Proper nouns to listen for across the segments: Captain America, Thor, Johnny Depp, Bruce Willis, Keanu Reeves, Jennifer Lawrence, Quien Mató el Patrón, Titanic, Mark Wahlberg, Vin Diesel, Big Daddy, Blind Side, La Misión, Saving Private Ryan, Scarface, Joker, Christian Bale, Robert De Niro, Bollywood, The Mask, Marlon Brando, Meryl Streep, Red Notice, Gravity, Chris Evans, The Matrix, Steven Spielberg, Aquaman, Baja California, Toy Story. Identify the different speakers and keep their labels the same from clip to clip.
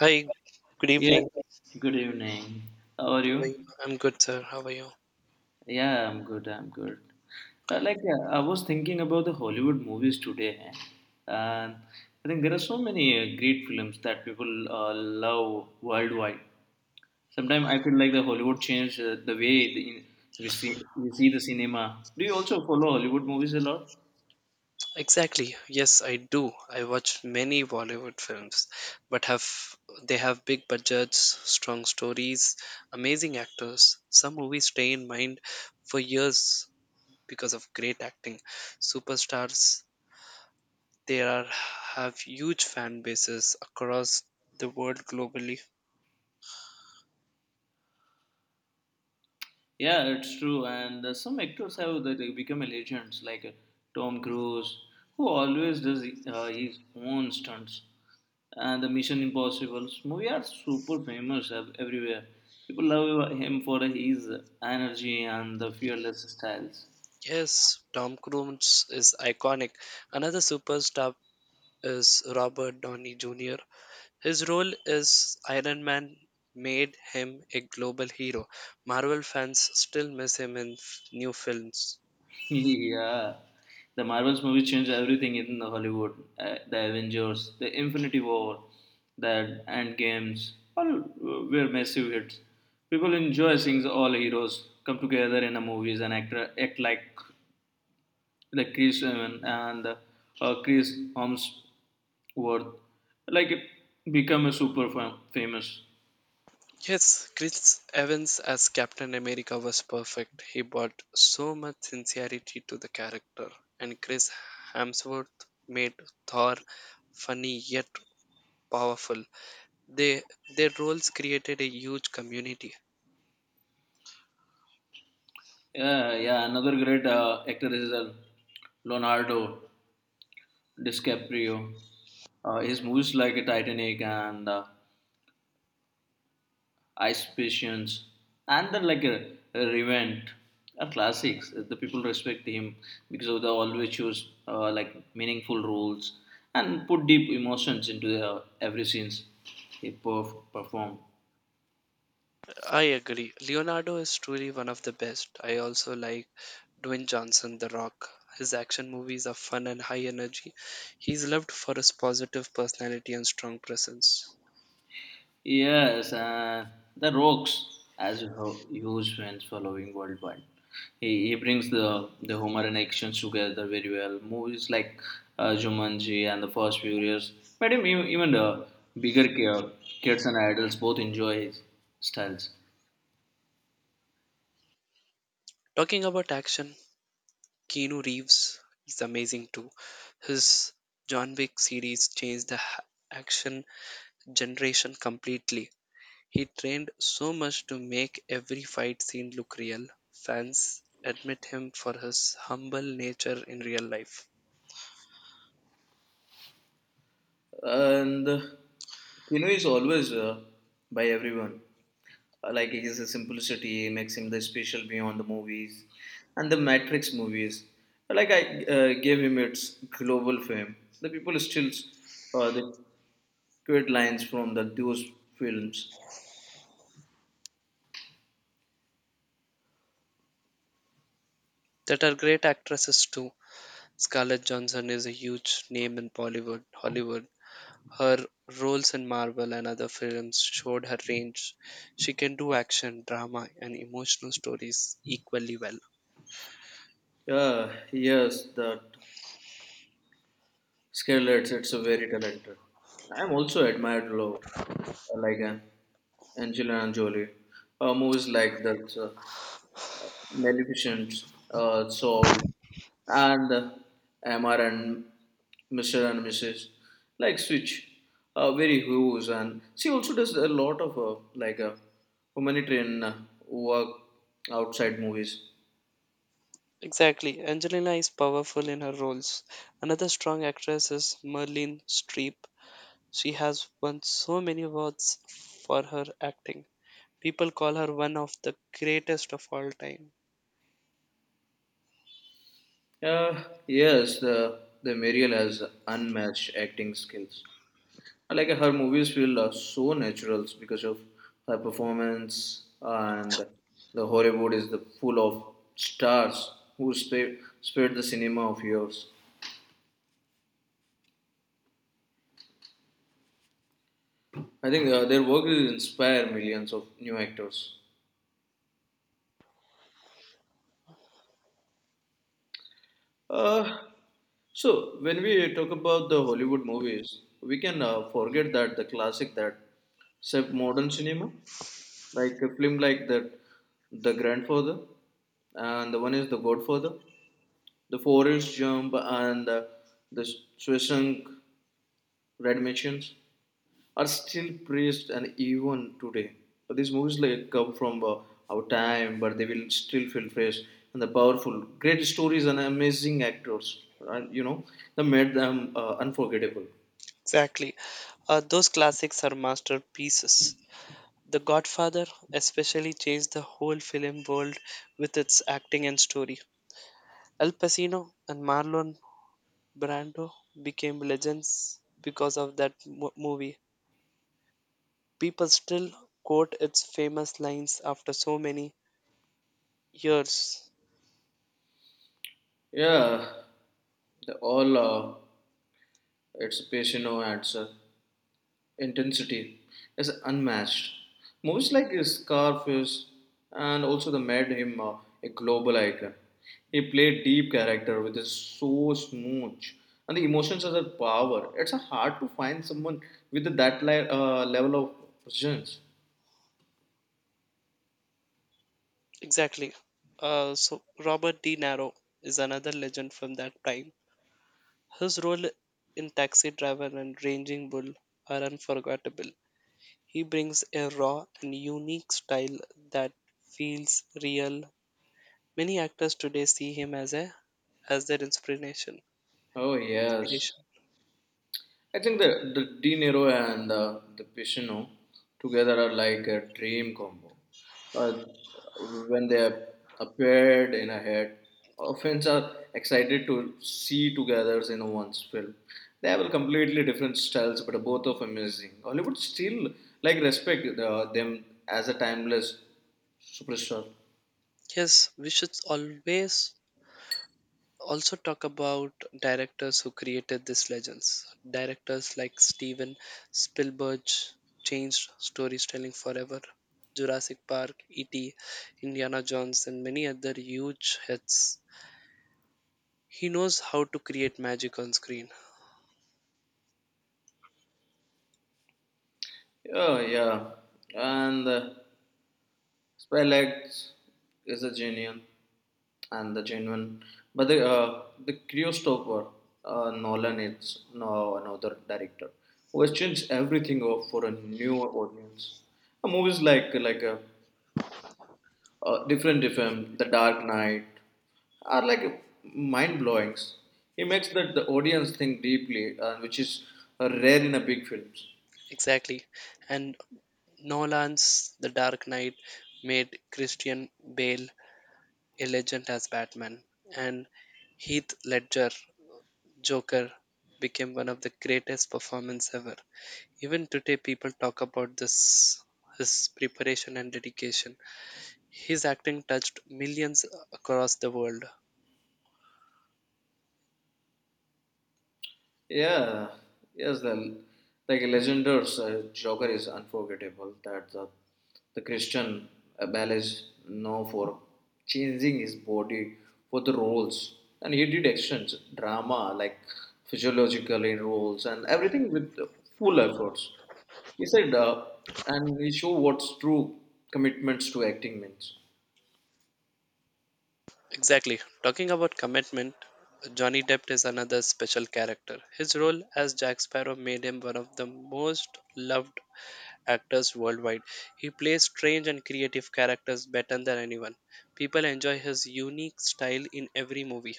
Speaker 1: Hi, good
Speaker 2: Yeah,
Speaker 1: evening.
Speaker 2: good evening. How are
Speaker 1: How are
Speaker 2: you?
Speaker 1: you? I'm good, sir. How are you?
Speaker 2: Yeah, I'm good. I'm good. I was thinking about the Hollywood movies today, and I think there are so many great films that people love worldwide. Sometimes I feel like the Hollywood changed the way we see the cinema. Do you also follow Hollywood movies a lot?
Speaker 1: Exactly. Yes, I do. I watch many Bollywood films, but have they have big budgets, strong stories, amazing actors. Some movies stay in mind for years because of great acting. Superstars, they are have huge fan bases across the world globally.
Speaker 2: Yeah, it's true. And some actors have that they become a legends, like Tom Cruise, who always does his own stunts. And the Mission Impossible movie are super famous everywhere. People love him for his energy and the fearless styles.
Speaker 1: Yes, Tom Cruise is iconic. Another superstar is Robert Downey Jr. His role as Iron Man made him a global hero. Marvel fans still miss him in new films.
Speaker 2: Yeah, the Marvels movies changed everything in the Hollywood. The Avengers, the Infinity War, the End Games, all were massive hits. People enjoy seeing all heroes come together in the movies and act like Chris Evans and Chris Hemsworth, like become a famous.
Speaker 1: Yes, Chris Evans as Captain America was perfect. He brought so much sincerity to the character, and Chris Hemsworth made Thor funny yet powerful. They Their roles created a huge community.
Speaker 2: Yeah, yeah. Another great actor is Leonardo. DiCaprio. His movies like Titanic and Ice Patience and then like Revenge are classics. The people respect him because of the always choose like meaningful roles and put deep emotions into every scenes he performed.
Speaker 1: I agree. Leonardo is truly one of the best. I also like Dwayne Johnson, The Rock. His action movies are fun and high energy. He's loved for his positive personality and strong presence.
Speaker 2: Yes, the Rocks, as huge fans following worldwide. He brings the humor and actions together very well. Movies like Jumanji and The Fast Furious, but even the bigger kids and adults both enjoy his styles.
Speaker 1: Talking about action, Keanu Reeves is amazing too. His John Wick series changed the action generation completely. He trained so much to make every fight scene look real. Fans admit him for his humble nature in real life.
Speaker 2: And Kino is always by everyone. Like his simplicity makes him the special beyond the movies and the Matrix movies. Like I gave him its global fame. The people still the quote lines from the those films.
Speaker 1: That are great actresses too. Scarlett Johansson is a huge name in Bollywood, Hollywood. Her roles in Marvel and other films showed her range. She can do action, drama, and emotional stories equally well.
Speaker 2: Yeah, yes, that Scarlett, it's a very talented. I am also admired low, like Angelina Jolie. Movies like that. Maleficent, Soul, and Amar and Mr. and Mrs. Like Switch, very huge, and she also does a lot of humanitarian work outside movies.
Speaker 1: Exactly. Angelina is powerful in her roles. Another strong actress is Merlin Streep. She has won so many awards for her acting. People call her one of the greatest of all time.
Speaker 2: Yes, the Mariel has unmatched acting skills. Like her movies feel so natural because of her performance, and the Hollywood is the full of stars who spread the cinema of years. I think their work will inspire millions of new actors. uh, so when we talk about the Hollywood movies, we can forget that the classic that shaped modern cinema, like a film like that, the grandfather, and the one is the godfather, the four-inch jump, and the Swissung red missions are still praised and even today. But these movies like come from our time, but they will still feel fresh and the powerful, great stories and amazing actors. That made them unforgettable.
Speaker 1: Exactly. Those classics are masterpieces. The Godfather especially changed the whole film world with its acting and story. Al Pacino and Marlon Brando became legends because of that movie. People still quote its famous lines after so many years.
Speaker 2: Yeah, the all it's Pacino ads. Intensity is unmatched. Movies like Scarface and also the made him a global icon. He played deep character with his so smooth and the emotions are the power. It's hard to find someone with that level of presence.
Speaker 1: Exactly. So Robert De Niro is another legend from that time. His role in Taxi Driver and Raging Bull are unforgettable. He brings a raw and unique style that feels real. Many actors today see him as their inspiration.
Speaker 2: Oh yes,
Speaker 1: Inspiration.
Speaker 2: I think the De Niro and the Pacino together are like a dream combo. Uh, when they appeared in a head, fans are excited to see together in one's film. They have a completely different styles, but both of amazing. Hollywood still like respect them as a timeless superstar.
Speaker 1: Yes, we should always also talk about directors who created these legends. Directors like Steven Spielberg changed storytelling forever. Jurassic Park, E.T., Indiana Jones, and many other huge hits. He knows how to create magic on screen.
Speaker 2: Yeah, yeah, and Spy Lights is a genius and the genuine. But the Christopher Nolan is no another director who has changed everything for a new audience. Movies like a different different The Dark Knight are like mind blowings. He makes that the audience think deeply, which is rare in a big films.
Speaker 1: Exactly. And Nolan's The Dark Knight made Christian Bale a legend as Batman, and Heath Ledger Joker became one of the greatest performances ever. Even today, people talk about this his preparation and dedication. His acting touched millions across the world.
Speaker 2: Yeah, yes, the like legendaries Joker is unforgettable. That the Christian Bale known for changing his body for the roles, and he did actions, drama, like physiological in roles, and everything with full efforts. He said, and he showed what's true commitments to acting means.
Speaker 1: Exactly. Talking about commitment, Johnny Depp is another special character. His role as Jack Sparrow made him one of the most loved actors worldwide. He plays strange and creative characters better than anyone. People enjoy his unique style in every movie.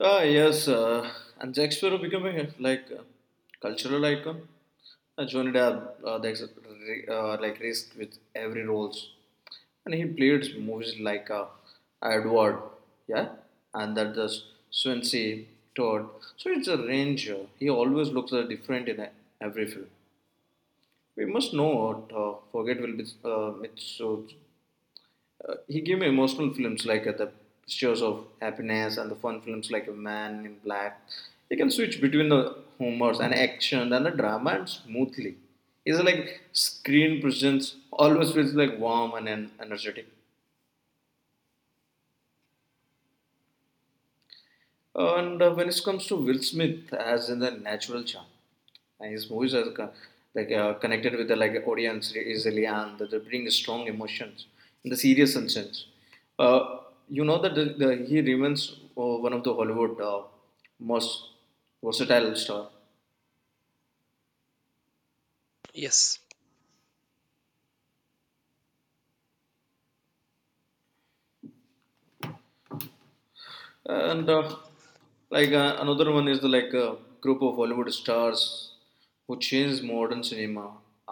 Speaker 2: Ah, yes, and Shakespeare becoming a, like a cultural icon. Johnny Depp, like risked with every roles, and he played movies like Edward, yeah, and that the Swansea Todd. So it's a range. He always looks different in every film. We must not forget Will Smith. He gave me emotional films like The Pictures of Happiness and the fun films like A Man in Black. He can switch between the humors and action and the drama and smoothly. His like screen presence always feels like warm and energetic. And when it comes to Will Smith, as in the natural charm, and his movies are like connected with the like audience easily, and they bring strong emotions in the serious sense. Uh, that he remains one of the Hollywood most versatile star.
Speaker 1: Yes,
Speaker 2: And like another one is the group of Hollywood stars who changed modern cinema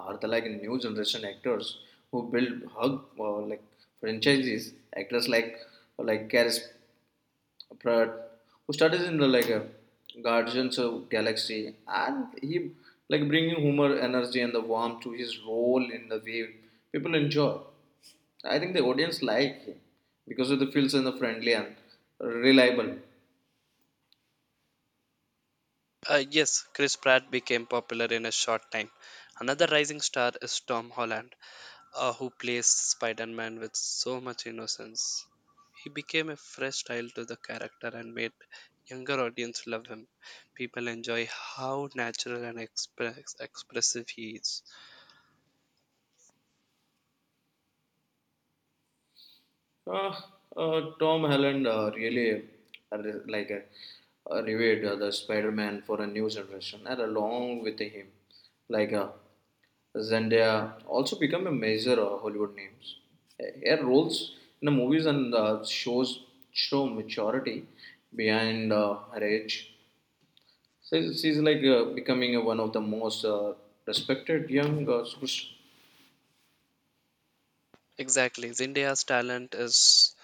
Speaker 2: are the like new generation actors who build hug like franchises, actors like Karis Pratt, who started in the Guardians of Galaxy, and he like bringing humor energy and the warmth to his role in the way people enjoy. I think the audience like him because of the feels and the friendly and reliable.
Speaker 1: yes, Chris Pratt became popular in a short time. Another rising star is Tom Holland, who plays Spider Man with so much innocence. He became a fresh style to the character and made younger audience love him. People enjoy how natural and expressive he is.
Speaker 2: Uh, Tom Holland really revived the Spider-Man for a new generation, and along with him, like Zendaya also become a major Hollywood names. Her roles in the movies and shows show maturity behind her age. So she's like becoming one of the most respected young superstars.
Speaker 1: Exactly, Zendaya's talent is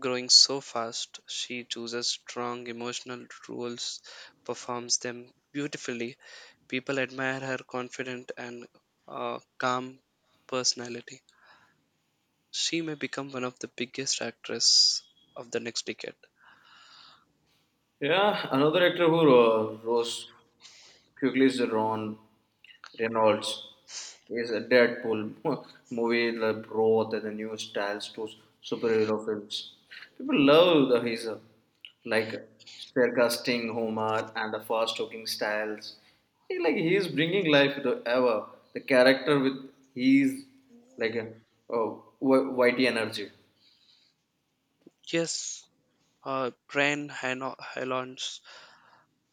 Speaker 1: growing so fast. She chooses strong emotional roles, performs them beautifully. People admire her confident and calm personality. She may become one of the biggest actresses of the next decade.
Speaker 2: Yeah, another actor who rose quickly is Ron Reynolds. His Deadpool movie, the brought the new styles to superhero films. People love the his like sarcastic humor and the fast-talking styles. He is bringing life to ever the character with his like a uh, witty energy.
Speaker 1: Yes, uh, Ryan Hano- Reynolds,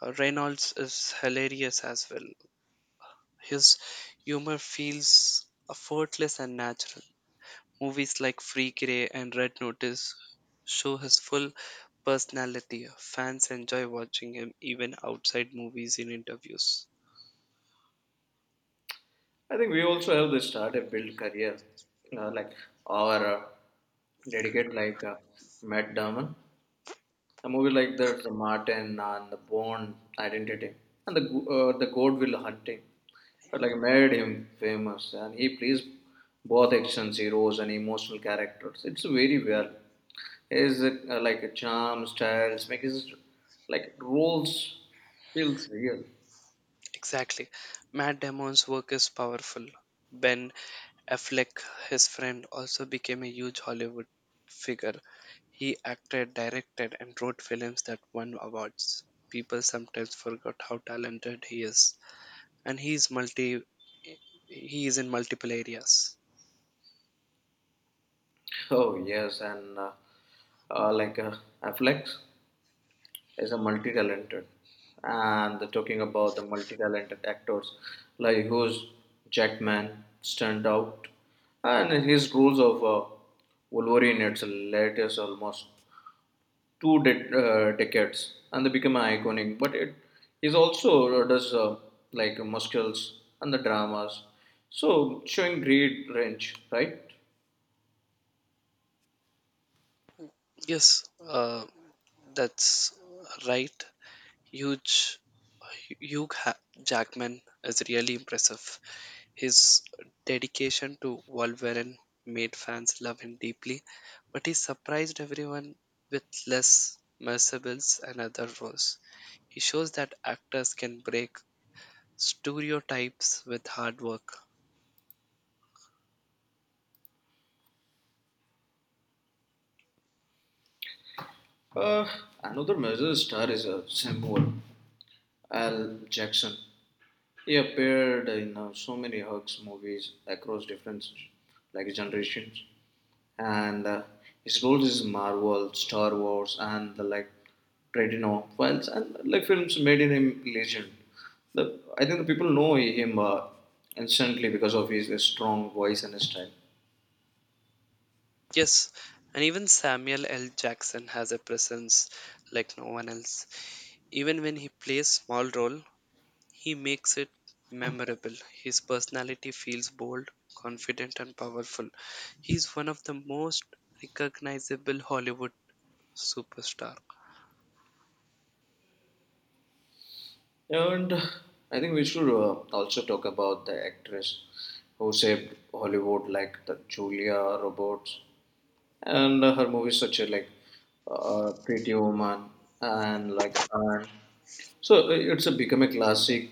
Speaker 1: uh, Reynolds is hilarious as well. His humor feels effortless and natural. Movies like Free Grey and Red Notice show his full personality. Fans enjoy watching him even outside movies in interviews.
Speaker 2: I think we also have the startup build career, like our dedicate like Matt Damon. A movie like that, the Martin and the Bond Identity and the Godwill Hunting, but like made him famous, and he plays both action heroes and emotional characters. It's very well. His like charm, styles make his like roles feels real.
Speaker 1: Exactly. Matt Damon's work is powerful. Ben Affleck, his friend, also became a huge Hollywood figure. He acted, directed, and wrote films that won awards. People sometimes forget how talented he is, and he is multi. He is in multiple areas.
Speaker 2: Oh yes, and like Affleck is a multi-talented, and talking about the multi-talented actors like who's Jackman stand out, and his roles of Wolverine it's latest almost decades and they become iconic, but it is also does like muscles and the dramas, so showing great range, right?
Speaker 1: Yes, that's right. Huge Hugh Ha- Jackman is really impressive. His dedication to Wolverine made fans love him deeply, but he surprised everyone with less mercenaries and other roles. He shows that actors can break stereotypes with hard work.
Speaker 2: uh, Another major star is Samuel L Jackson. He appeared in so many Hux movies across different like generations, and his roles is Marvel, Star Wars, and the like Tradino files and like films made in him legend. I think the people know him instantly because of his strong voice and style.
Speaker 1: Yes, and even Samuel L. Jackson has a presence like no one else. Even when he plays small role, he makes it memorable. His personality feels bold, confident, and powerful. He's one of the most recognizable Hollywood superstar.
Speaker 2: And I think we should also talk about the actress who saved Hollywood, like the Julia Roberts, and her movies such as like Pretty Woman and like Anne. So it's a become a classic.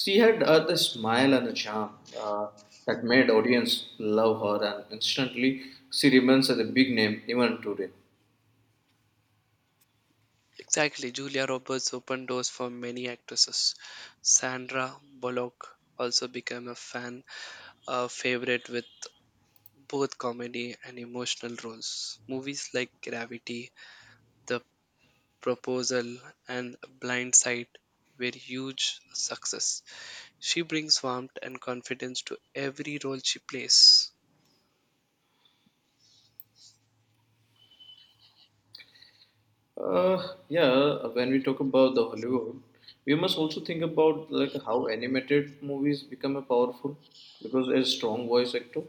Speaker 2: She had the smile and the charm that made audience love her, and instantly she remains as a big name even today.
Speaker 1: Exactly, Julia Roberts opened doors for many actresses. Sandra Bullock also became a favorite with both comedy and emotional roles. Movies like Gravity, The Proposal, and Blind Side were huge success. She brings warmth and confidence to every role she plays.
Speaker 2: Yeah, when we talk about the Hollywood, we must also think about like how animated movies become a powerful because a strong voice actor.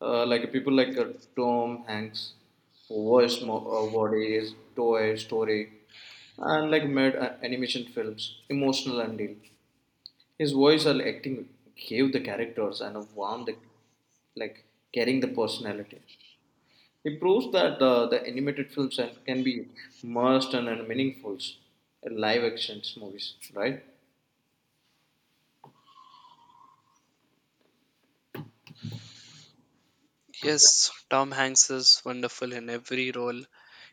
Speaker 2: Like people like Tom Hanks, Bodies, Toy Story, and like made animation films, emotional and deep. His voice and acting gave the characters and a warm, the, like carrying the personality. He proves that the animated films can be immersed and meaningful in live action movies, right?
Speaker 1: Yes, Tom Hanks is wonderful in every role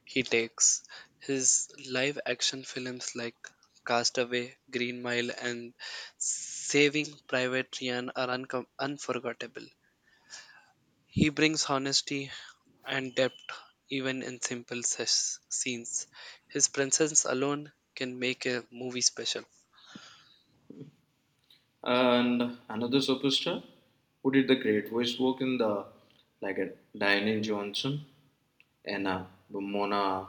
Speaker 1: he takes. His live action films like Castaway, Green Mile, and Saving Private Ryan are uncom unforgettable. He brings honesty and depth even in simple scenes. His presence alone can make a movie special.
Speaker 2: And another superstar who did the great voice work in the like a Dwayne Johnson and Mona.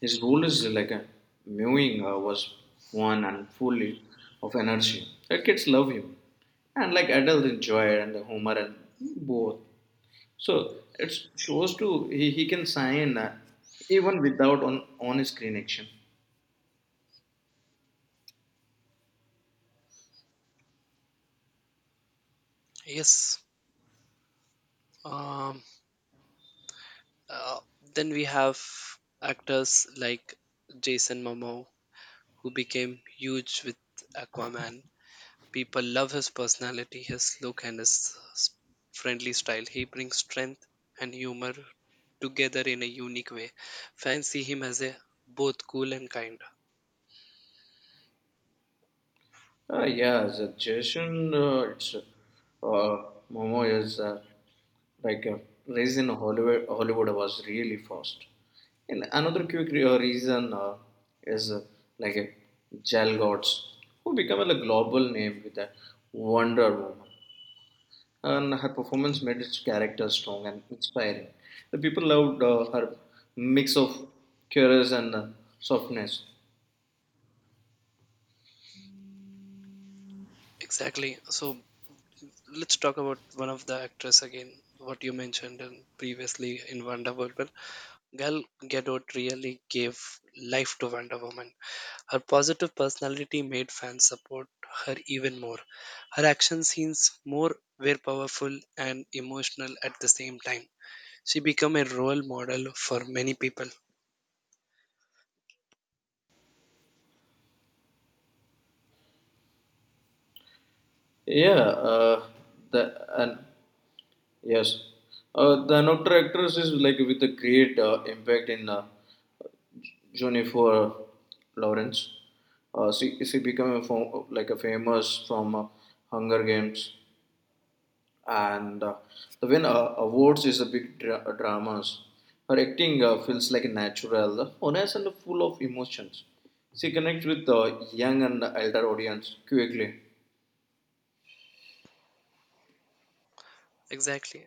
Speaker 2: His role is like a mewing was fun and fully of energy. The kids love him, and like adults enjoy it and the humor and both. So it shows to he can sign even without on screen action.
Speaker 1: Yes, um, Uh, then we have actors like Jason Momoa, who became huge with Aquaman. People love his personality, his look, and his friendly style. He brings strength and humor together in a unique way. Fans see him as a both cool and kind.
Speaker 2: Yeah, the Jason, it's Momo is like uh, raised in Hollywood. Hollywood was really fast. And another quick reason is like Jal Gods, who became a global name with a Wonder Woman. And her performance made its character strong and inspiring. The people loved her mix of curious and softness.
Speaker 1: Exactly. So let's talk about one of the actress again. What you mentioned previously in Wonder Woman, Gal Gadot really gave life to Wonder Woman. Her positive personality made fans support her even more. Her action scenes more were powerful and emotional at the same time. She became a role model for many people.
Speaker 2: Yeah, uh, the and Yes, the another actress is like with a great impact in Jennifer Lawrence. She became a fo- like a famous from Hunger Games and the win awards is a big dramas. Her acting feels like natural, honest, and full of emotions. She connects with the young and elder audience quickly.
Speaker 1: Exactly.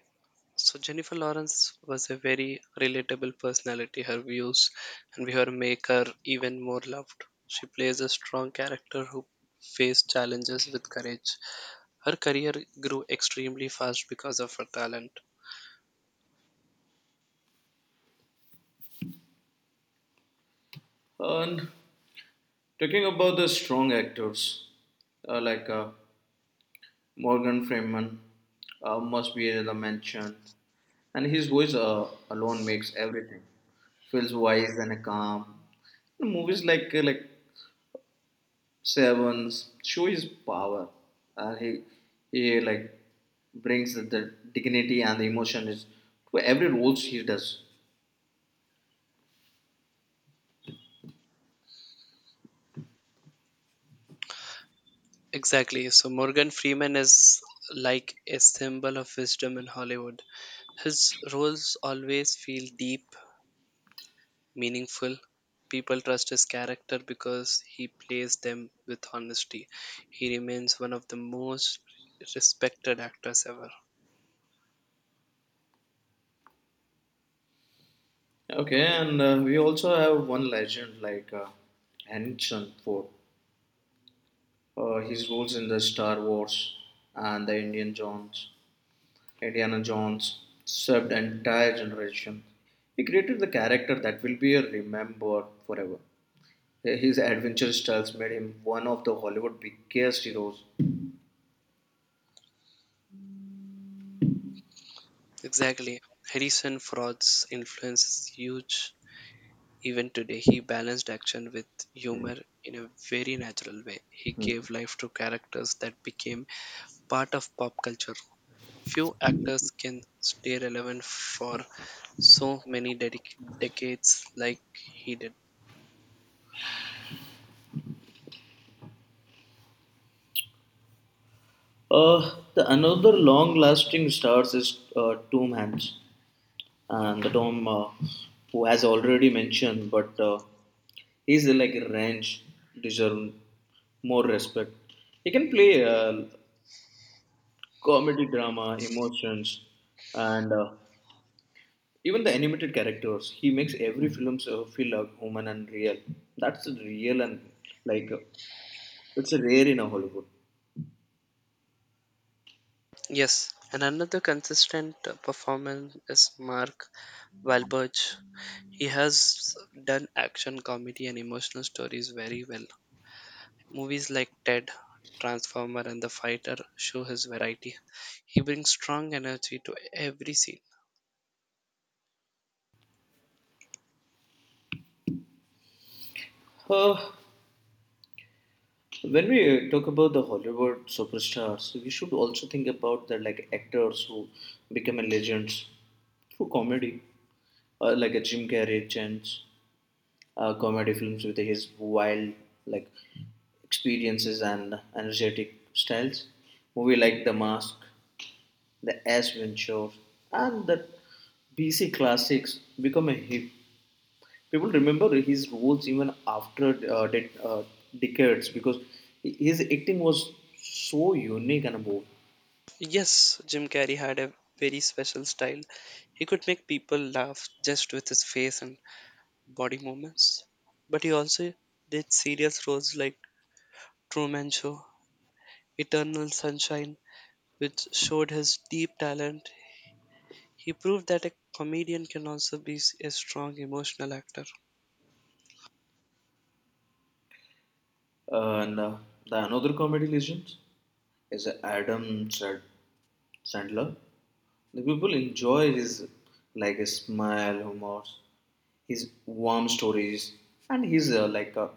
Speaker 1: So Jennifer Lawrence was a very relatable personality. Her views and her make her even more loved. She plays a strong character who faced challenges with courage. Her career grew extremely fast because of her talent.
Speaker 2: And talking about the strong actors, uh, like uh, Morgan Freeman must be another mention, and his voice alone makes everything feels wise and calm. Movies like Sevens show his power, and he brings the dignity and the emotion is to every roles he does.
Speaker 1: Exactly. So Morgan Freeman is like a symbol of wisdom in Hollywood. His roles always feel deep, meaningful. People trust his character because he plays them with honesty. He remains one of the most respected actors ever.
Speaker 2: Okay, and we also have one legend like Harrison Ford. His roles in the Star Wars and the Indiana Jones served an entire generation. He created the character that will be remembered forever. His adventure styles made him one of the Hollywood biggest heroes.
Speaker 1: Exactly. Harrison Ford's influence is huge. Even today, he balanced action with humor in a very natural way. He gave life to characters that became part of pop culture. Few actors can stay relevant for so many decades like he did.
Speaker 2: The another long-lasting stars is Tom Hanks, and the Tom who has already mentioned, but he's like range deserve more respect. He can play comedy, drama, emotions, and even the animated characters, he makes every film so feel human and real. That's real and like uh, it's rare in a Hollywood.
Speaker 1: Yes, and another consistent performance is Mark Wahlberg. He has done action, comedy, and emotional stories very well. Movies like Ted, Transformer, and The Fighter show his variety. He brings strong energy to every scene.
Speaker 2: Uh, when we talk about the Hollywood superstars, we should also think about the like actors who become a legends through comedy, like a Jim Carrey chance, comedy films with his wild like experiences and energetic styles. Movie like The Mask the Aspen Shores, and the BC classics become a hit. People remember his roles even after decades because his acting was so unique and bold.
Speaker 1: Yes, Jim Carrey had a very special style. He could make people laugh just with his face and body movements. But he also did serious roles like Truman Show, Eternal Sunshine, which showed his deep talent. He proved that a comedian can also be a strong emotional actor.
Speaker 2: And the another comedy legend is Sandler. The people enjoy his smile, humor, his warm stories, and his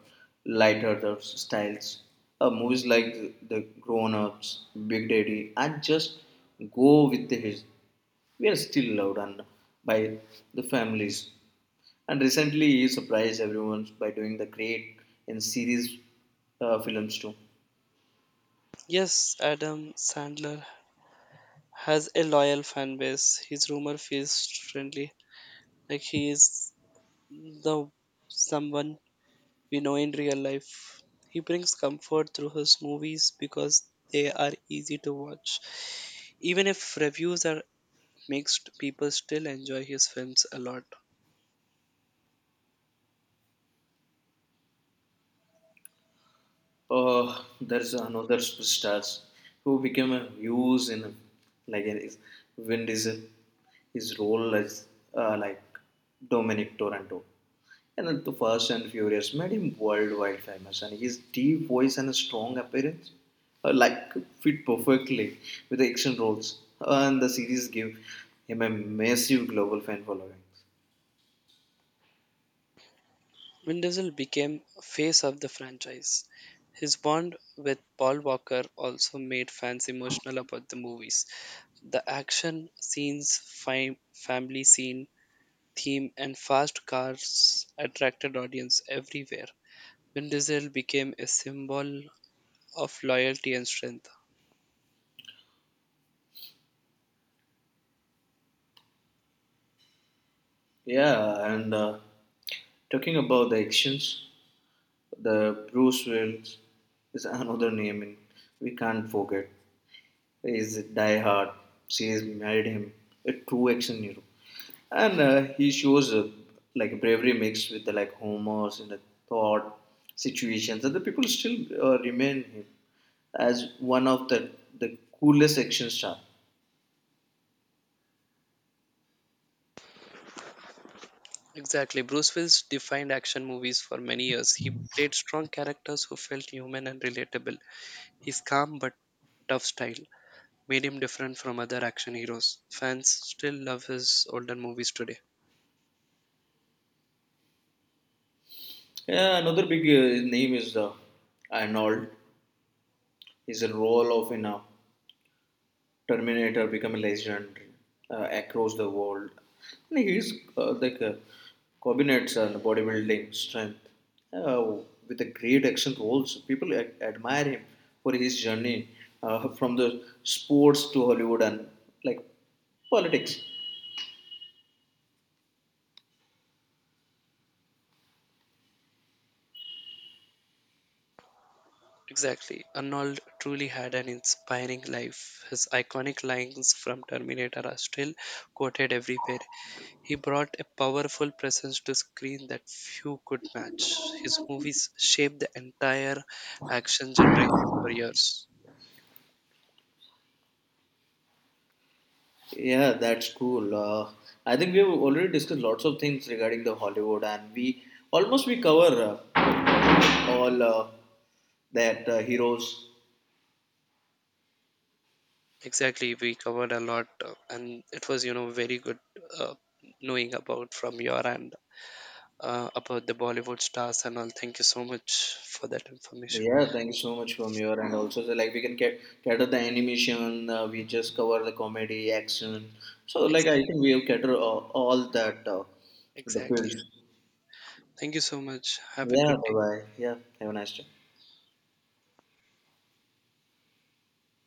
Speaker 2: lighter the styles. Movies like The Grown Ups, Big Daddy, and just go with the his. We are still loved and by the families. And recently, he surprised everyone by doing the great in series films too.
Speaker 1: Yes, Adam Sandler has a loyal fan base. His rumor feels friendly. Like he is the someone we know in real life. He brings comfort through his movies because they are easy to watch. Even if reviews are mixed, people still enjoy his films a lot.
Speaker 2: Oh, there's another superstar who became a huge in like is Vin Diesel. His role as uh, like Dominic Toronto, and then the Fast and Furious made him worldwide famous. And his deep voice and strong appearance uh, like fit perfectly with the action roles. And the series gave him a massive global fan following.
Speaker 1: Vin Diesel became face of the franchise. His bond with Paul Walker also made fans emotional about the movies. The action scenes, family scene, theme, and fast cars attracted audience everywhere. Vin Diesel became a symbol of loyalty and strength.
Speaker 2: Yeah, and talking about the actions, the Bruce Willis is another name in, we can't forget. He is a diehard. She has married him, a true action hero, and he shows like bravery mixed with the like humors and the thought situations, and the people still remain him as one of the coolest action star.
Speaker 1: Exactly. Bruce Willis defined action movies for many years. He played strong characters who felt human and relatable. His calm but tough style made him different from other action heroes. Fans still love his older movies today.
Speaker 2: Yeah, another big name is Arnold. His role of in a Terminator become a legend across the world. And his combinates and bodybuilding strength uh, with the great action roles. People admire him for his journey from the sports to Hollywood and like politics.
Speaker 1: Exactly. Arnold truly had an inspiring life. His iconic lines from Terminator are still quoted everywhere. He brought a powerful presence to screen that few could match. His movies shaped the entire action generation for years.
Speaker 2: Yeah, that's cool. I think we have already discussed lots of things regarding the Hollywood, and we almost we cover all that heroes.
Speaker 1: Exactly, we covered a lot, and it was, you know, very good uh, knowing about from your end about the Bollywood stars and all. Thank you so much for that information.
Speaker 2: Yeah, thank you so much from your and also the, like we can get cater the animation. We just cover the comedy, action. So like I think
Speaker 1: Exactly.
Speaker 2: we have cater all that the
Speaker 1: Exactly.
Speaker 2: fields.
Speaker 1: Thank you so much. Have a
Speaker 2: Yeah,
Speaker 1: good
Speaker 2: bye
Speaker 1: day.
Speaker 2: bye. Yeah, have a nice day.